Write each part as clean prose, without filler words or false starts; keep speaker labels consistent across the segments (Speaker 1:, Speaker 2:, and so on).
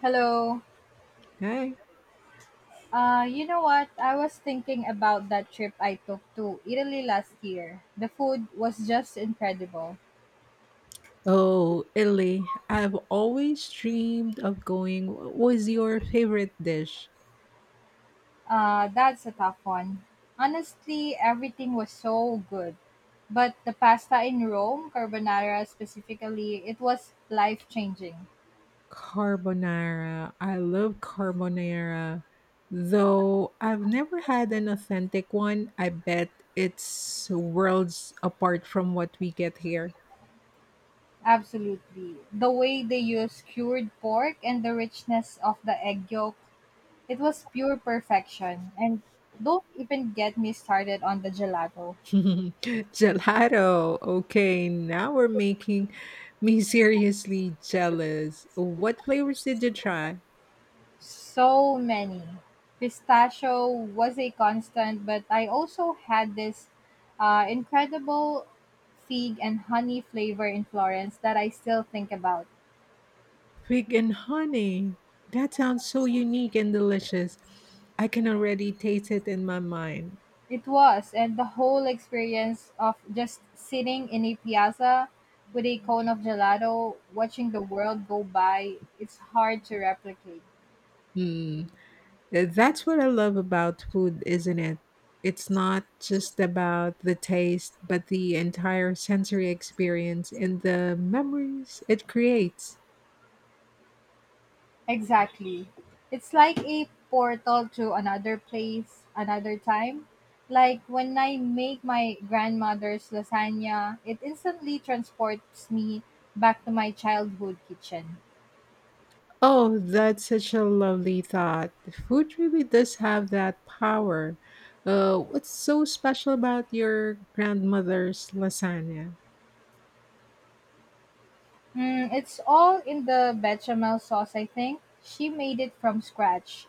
Speaker 1: Hello.
Speaker 2: Okay.
Speaker 1: You know what? I was thinking about that trip I took to Italy last year. The food was just incredible.
Speaker 2: Oh, Italy. I've always dreamed of going. What was your favorite dish?
Speaker 1: That's a tough one. Honestly, everything was so good. But the pasta in Rome, carbonara specifically, it was life changing.
Speaker 2: Carbonara. I love carbonara. Though I've never had an authentic one, I bet it's worlds apart from what we get here.
Speaker 1: Absolutely. The way they use cured pork and the richness of the egg yolk, it was pure perfection. And don't even get me started on the gelato.
Speaker 2: Gelato. Okay, now we're making me seriously jealous. What flavors did you try?
Speaker 1: So many. Pistachio was a constant, but I also had this incredible fig and honey flavor in Florence that I still think about.
Speaker 2: Fig and honey. That sounds so unique and delicious. I can already taste it in my mind.
Speaker 1: It was, and the whole experience of just sitting in a piazza with a cone of gelato, watching the world go by, it's hard to replicate.
Speaker 2: Hmm. That's what I love about food, isn't it? It's not just about the taste, but the entire sensory experience and the memories it creates.
Speaker 1: Exactly. It's like a portal to another place, another time. Like when I make my grandmother's lasagna, it instantly transports me back to my childhood kitchen.
Speaker 2: Oh, that's such a lovely thought. Food really does have that power. What's so special about your grandmother's lasagna?
Speaker 1: Mm, it's all in the bechamel sauce, I think. She made it from scratch,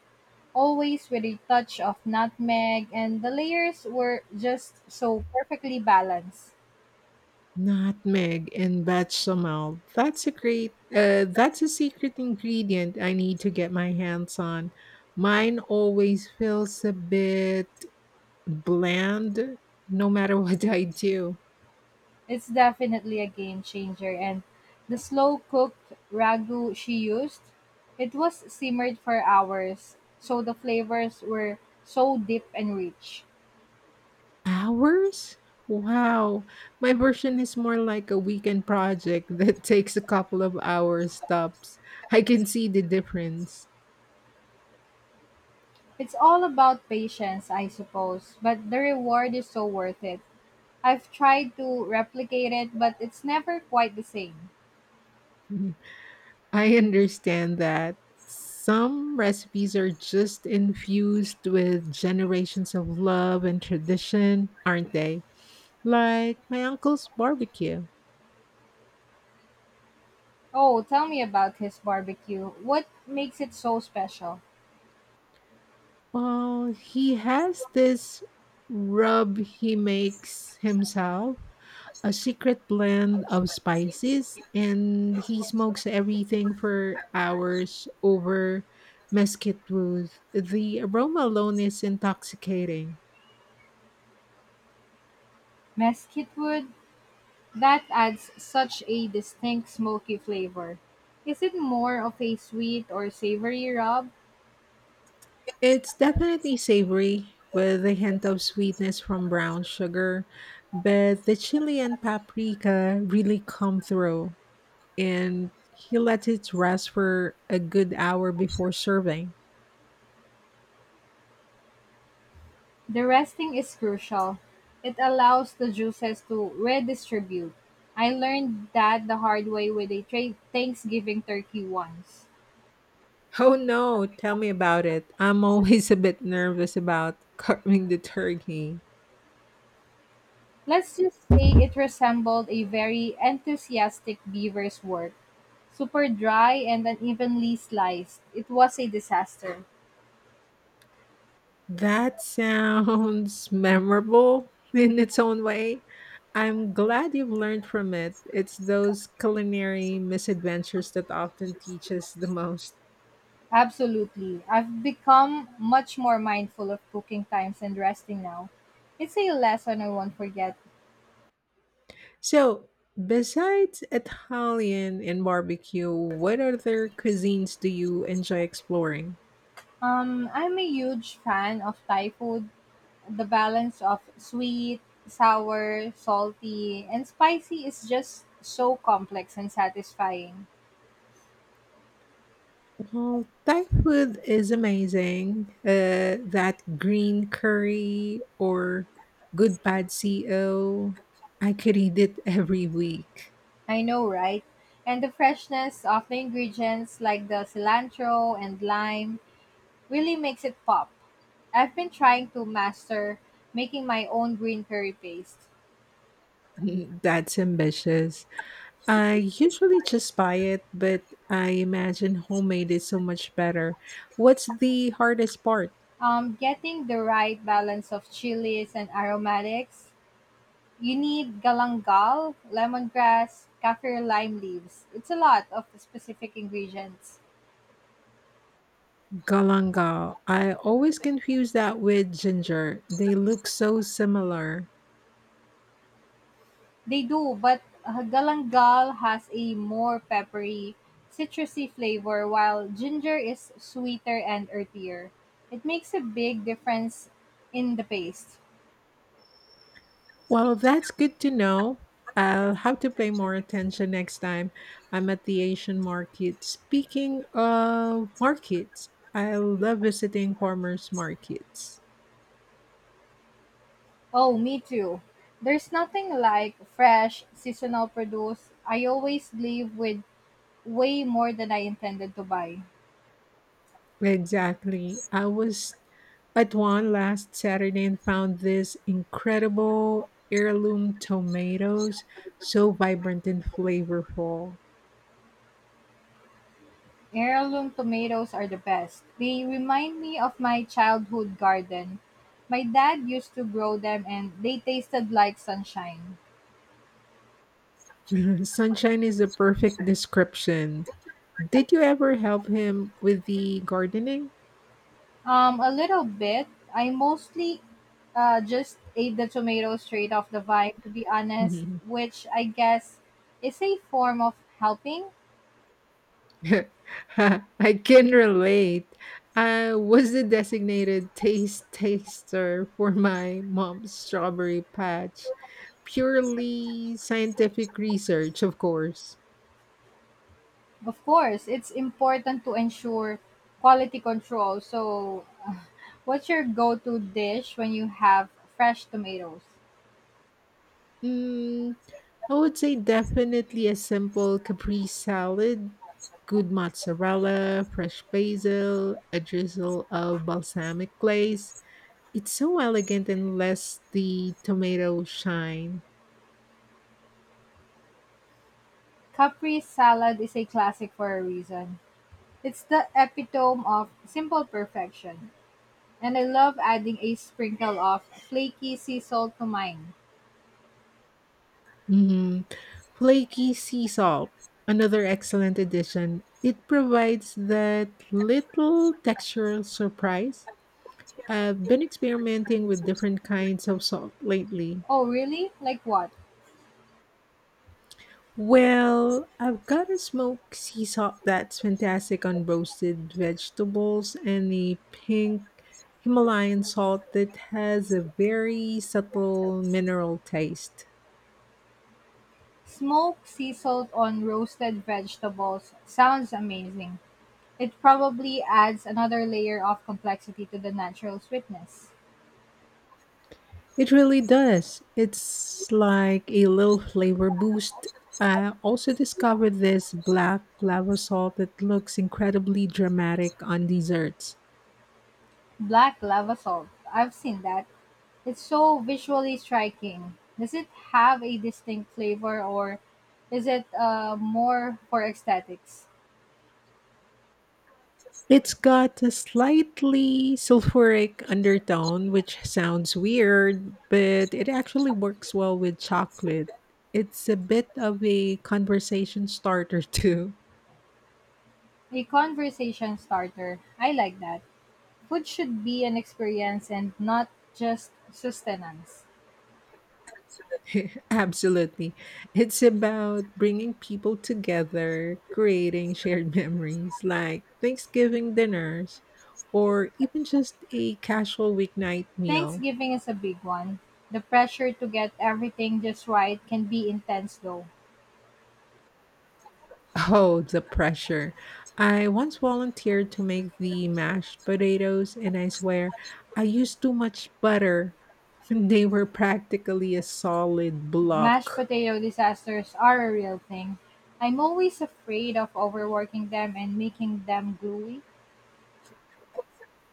Speaker 1: always with a touch of nutmeg, and the layers were just so perfectly balanced.
Speaker 2: Nutmeg and bechamel. That's a great. That's a secret ingredient I need to get my hands on. Mine always feels a bit bland, no matter what I do.
Speaker 1: It's definitely a game changer, and the slow cooked ragu she used, it was simmered for hours, so the flavors were so deep and rich.
Speaker 2: Hours? Wow. My version is more like a weekend project that takes a couple of hours tops. I can see the difference.
Speaker 1: It's all about patience, I suppose, but the reward is so worth it. I've tried to replicate it, but it's never quite the same.
Speaker 2: I understand that some recipes are just infused with generations of love and tradition, aren't they? Like my uncle's barbecue.
Speaker 1: Oh, tell me about his barbecue. What makes it so special?
Speaker 2: Well, he has this rub he makes himself, a secret blend of spices, and he smokes everything for hours over mesquite wood. The aroma alone is intoxicating.
Speaker 1: Mesquite wood? That adds such a distinct smoky flavor. Is it more of a sweet or savory rub?
Speaker 2: It's definitely savory with a hint of sweetness from brown sugar, but the chili and paprika really come through, and he let it rest for a good hour before serving.
Speaker 1: The resting is crucial. It allows the juices to redistribute. I learned that the hard way with a Thanksgiving turkey once.
Speaker 2: Oh no, tell me about it. I'm always a bit nervous about carving the turkey.
Speaker 1: Let's just say it resembled a very enthusiastic beaver's work, super dry and unevenly sliced. It was a disaster.
Speaker 2: That sounds memorable in its own way. I'm glad you've learned from it. It's those culinary misadventures that often teach us the most.
Speaker 1: Absolutely. I've become much more mindful of cooking times and resting now. It's a lesson I won't forget.
Speaker 2: So, besides Italian and barbecue, what other cuisines do you enjoy exploring?
Speaker 1: I'm a huge fan of Thai food. The balance of sweet, sour, salty, and spicy is just so complex and satisfying.
Speaker 2: Well, Thai food is amazing. That green curry or good pad CO, I could eat it every week.
Speaker 1: I know, right? And the freshness of the ingredients like the cilantro and lime really makes it pop. I've been trying to master making my own green curry paste.
Speaker 2: That's ambitious. I usually just buy it, but I imagine homemade is so much better. What's the hardest part?
Speaker 1: Getting the right balance of chilies and aromatics. You need galangal, lemongrass, kaffir lime leaves. It's a lot of specific ingredients.
Speaker 2: Galanga. I always confuse that with ginger. They look so similar.
Speaker 1: They do, but galangal has a more peppery, citrusy flavor while ginger is sweeter and earthier. It makes a big difference in the paste.
Speaker 2: Well, that's good to know. I'll have to pay more attention next time I'm at the Asian market. Speaking of markets, I love visiting farmers markets.
Speaker 1: Oh, me too. There's nothing like fresh seasonal produce. I always leave with way more than I intended to buy.
Speaker 2: Exactly. I was at one last Saturday and found this incredible heirloom tomatoes, so vibrant and flavorful.
Speaker 1: Heirloom tomatoes are the best. They remind me of my childhood garden. My dad used to grow them and they tasted like sunshine.
Speaker 2: Sunshine is the perfect description. Did you ever help him with the gardening?
Speaker 1: A little bit. I mostly just ate the tomatoes straight off the vine, to be honest, which I guess is a form of helping.
Speaker 2: I can relate. I was the designated taste taster for my mom's strawberry patch. Purely scientific research, of course.
Speaker 1: Of course, it's important to ensure quality control. So what's your go-to dish when you have fresh tomatoes?
Speaker 2: Mm, I would say definitely a simple Capri salad, good mozzarella, fresh basil, a drizzle of balsamic glaze. It's so elegant and lets the tomato shine.
Speaker 1: Capri salad is a classic for a reason. It's the epitome of simple perfection. And I love adding a sprinkle of flaky sea salt to mine.
Speaker 2: Hmm. Flaky sea salt, another excellent addition. It provides that little textural surprise. I've been experimenting with different kinds of salt lately.
Speaker 1: Oh, really? Like what?
Speaker 2: Well, I've got a smoked sea salt that's fantastic on roasted vegetables and a pink Himalayan salt that has a very subtle mineral taste.
Speaker 1: Smoked sea salt on roasted vegetables sounds amazing. It probably adds another layer of complexity to the natural sweetness.
Speaker 2: It really does. It's like a little flavor boost. I also discovered this black lava salt that looks incredibly dramatic on desserts.
Speaker 1: Black lava salt. I've seen that. It's so visually striking. Does it have a distinct flavor or is it more for aesthetics?
Speaker 2: It's got a slightly sulfuric undertone, which sounds weird, but it actually works well with chocolate. It's a bit of a conversation starter, too.
Speaker 1: A conversation starter. I like that. Food should be an experience and not just sustenance.
Speaker 2: Absolutely. It's about bringing people together, creating shared memories like Thanksgiving dinners, or even just a casual weeknight meal.
Speaker 1: Thanksgiving is a big one. The pressure to get everything just right can be intense though.
Speaker 2: Oh, the pressure. I once volunteered to make the mashed potatoes, and I swear I used too much butter. They were practically a solid
Speaker 1: Mashed
Speaker 2: block.
Speaker 1: potato disasters are a real thing. I'm always afraid of overworking them and making them gluey.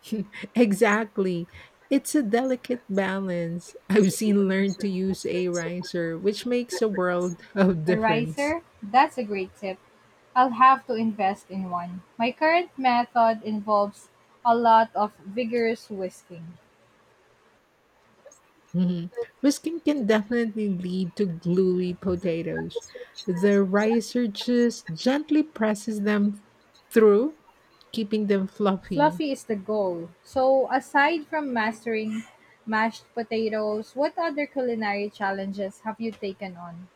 Speaker 2: Exactly. It's a delicate balance. I've seen learn to use a riser, which makes a world of
Speaker 1: A
Speaker 2: difference.
Speaker 1: riser? That's a great tip. I'll have to invest in one. My current method involves a lot of vigorous whisking.
Speaker 2: Mhm. Whisking can definitely lead to gluey potatoes. The ricer just gently presses them through, keeping them fluffy.
Speaker 1: Fluffy is the goal. So, aside from mastering mashed potatoes, what other culinary challenges have you taken on?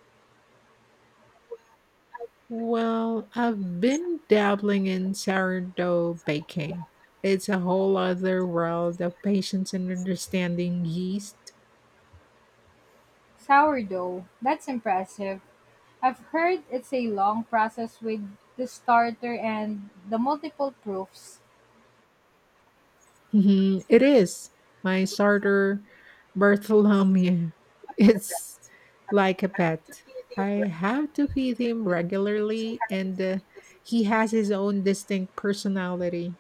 Speaker 2: Well, I've been dabbling in sourdough baking. It's a whole other world of patience and understanding yeast.
Speaker 1: Sourdough. That's impressive. I've heard it's a long process with the starter and the multiple proofs.
Speaker 2: Mhm, it is. My starter, Bartholomew, it's like a pet. I have to feed him regularly, and he has his own distinct personality.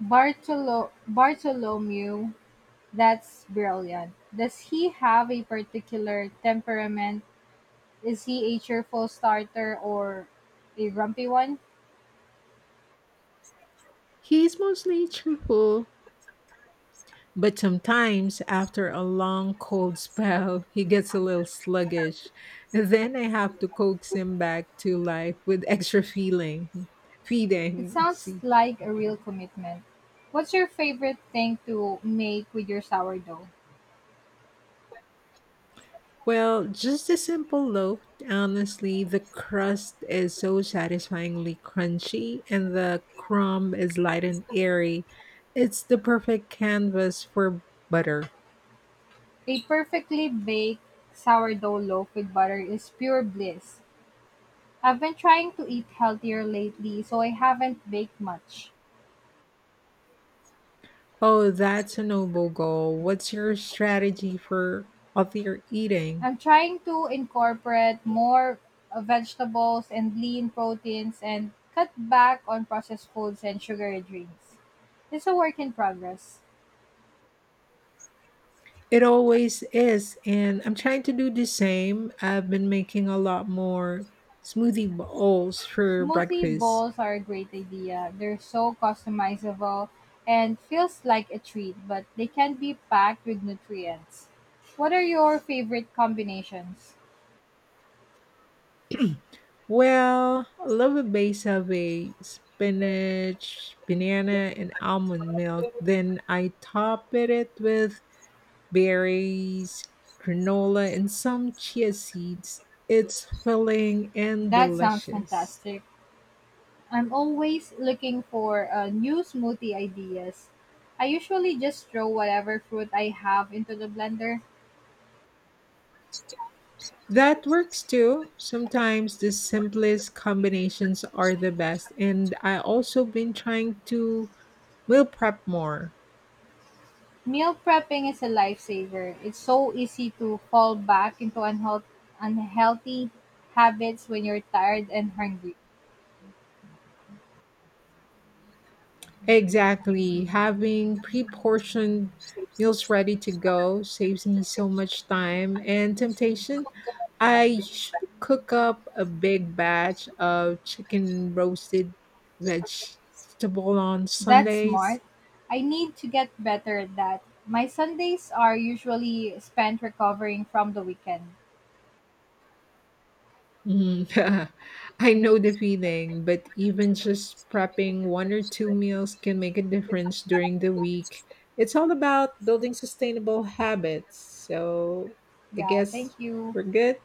Speaker 1: Bartholomew. That's brilliant. Does he have a particular temperament? Is he a cheerful starter or a grumpy one?
Speaker 2: He's mostly cheerful, but sometimes after a long cold spell, he gets a little sluggish. Then I have to coax him back to life with extra
Speaker 1: It
Speaker 2: feeding. I
Speaker 1: sounds
Speaker 2: see.
Speaker 1: like a real commitment. What's your favorite thing to make with your sourdough?
Speaker 2: Well, just a simple loaf. Honestly, the crust is so satisfyingly crunchy and the crumb is light and airy. It's the perfect canvas for butter.
Speaker 1: A perfectly baked sourdough loaf with butter is pure bliss. I've been trying to eat healthier lately, so I haven't baked much.
Speaker 2: Oh, that's a noble goal. What's your strategy for healthier eating?
Speaker 1: I'm trying to incorporate more vegetables and lean proteins and cut back on processed foods and sugary drinks. It's a work in progress.
Speaker 2: It always is, and I'm trying to do the same. I've been making a lot more smoothie bowls for
Speaker 1: Smoothie
Speaker 2: breakfast.
Speaker 1: bowls are a great idea. They're so customizable and feels like a treat, but they can be packed with nutrients. What are your favorite combinations?
Speaker 2: Well, I love a base of a spinach, banana, and almond milk. Then I top it with berries, granola, and some chia seeds. It's filling and
Speaker 1: That sounds
Speaker 2: delicious.
Speaker 1: fantastic. I'm always looking for new smoothie ideas. I usually just throw whatever fruit I have into the blender.
Speaker 2: That works too. Sometimes the simplest combinations are the best. And I also been trying to meal prep more.
Speaker 1: Meal prepping is a lifesaver. It's so easy to fall back into unhealthy habits when you're tired and hungry.
Speaker 2: Exactly. Having pre-portioned meals ready to go saves me so much time and temptation. I should cook up a big batch of chicken roasted vegetable on
Speaker 1: That's
Speaker 2: Sundays.
Speaker 1: smart. I need to get better at that. My Sundays are usually spent recovering from the weekend.
Speaker 2: Mm. I know the feeling, but even just prepping one or two meals can make a difference during the week. It's all about building sustainable habits. So I
Speaker 1: Yeah, thank
Speaker 2: guess
Speaker 1: you.
Speaker 2: we're good.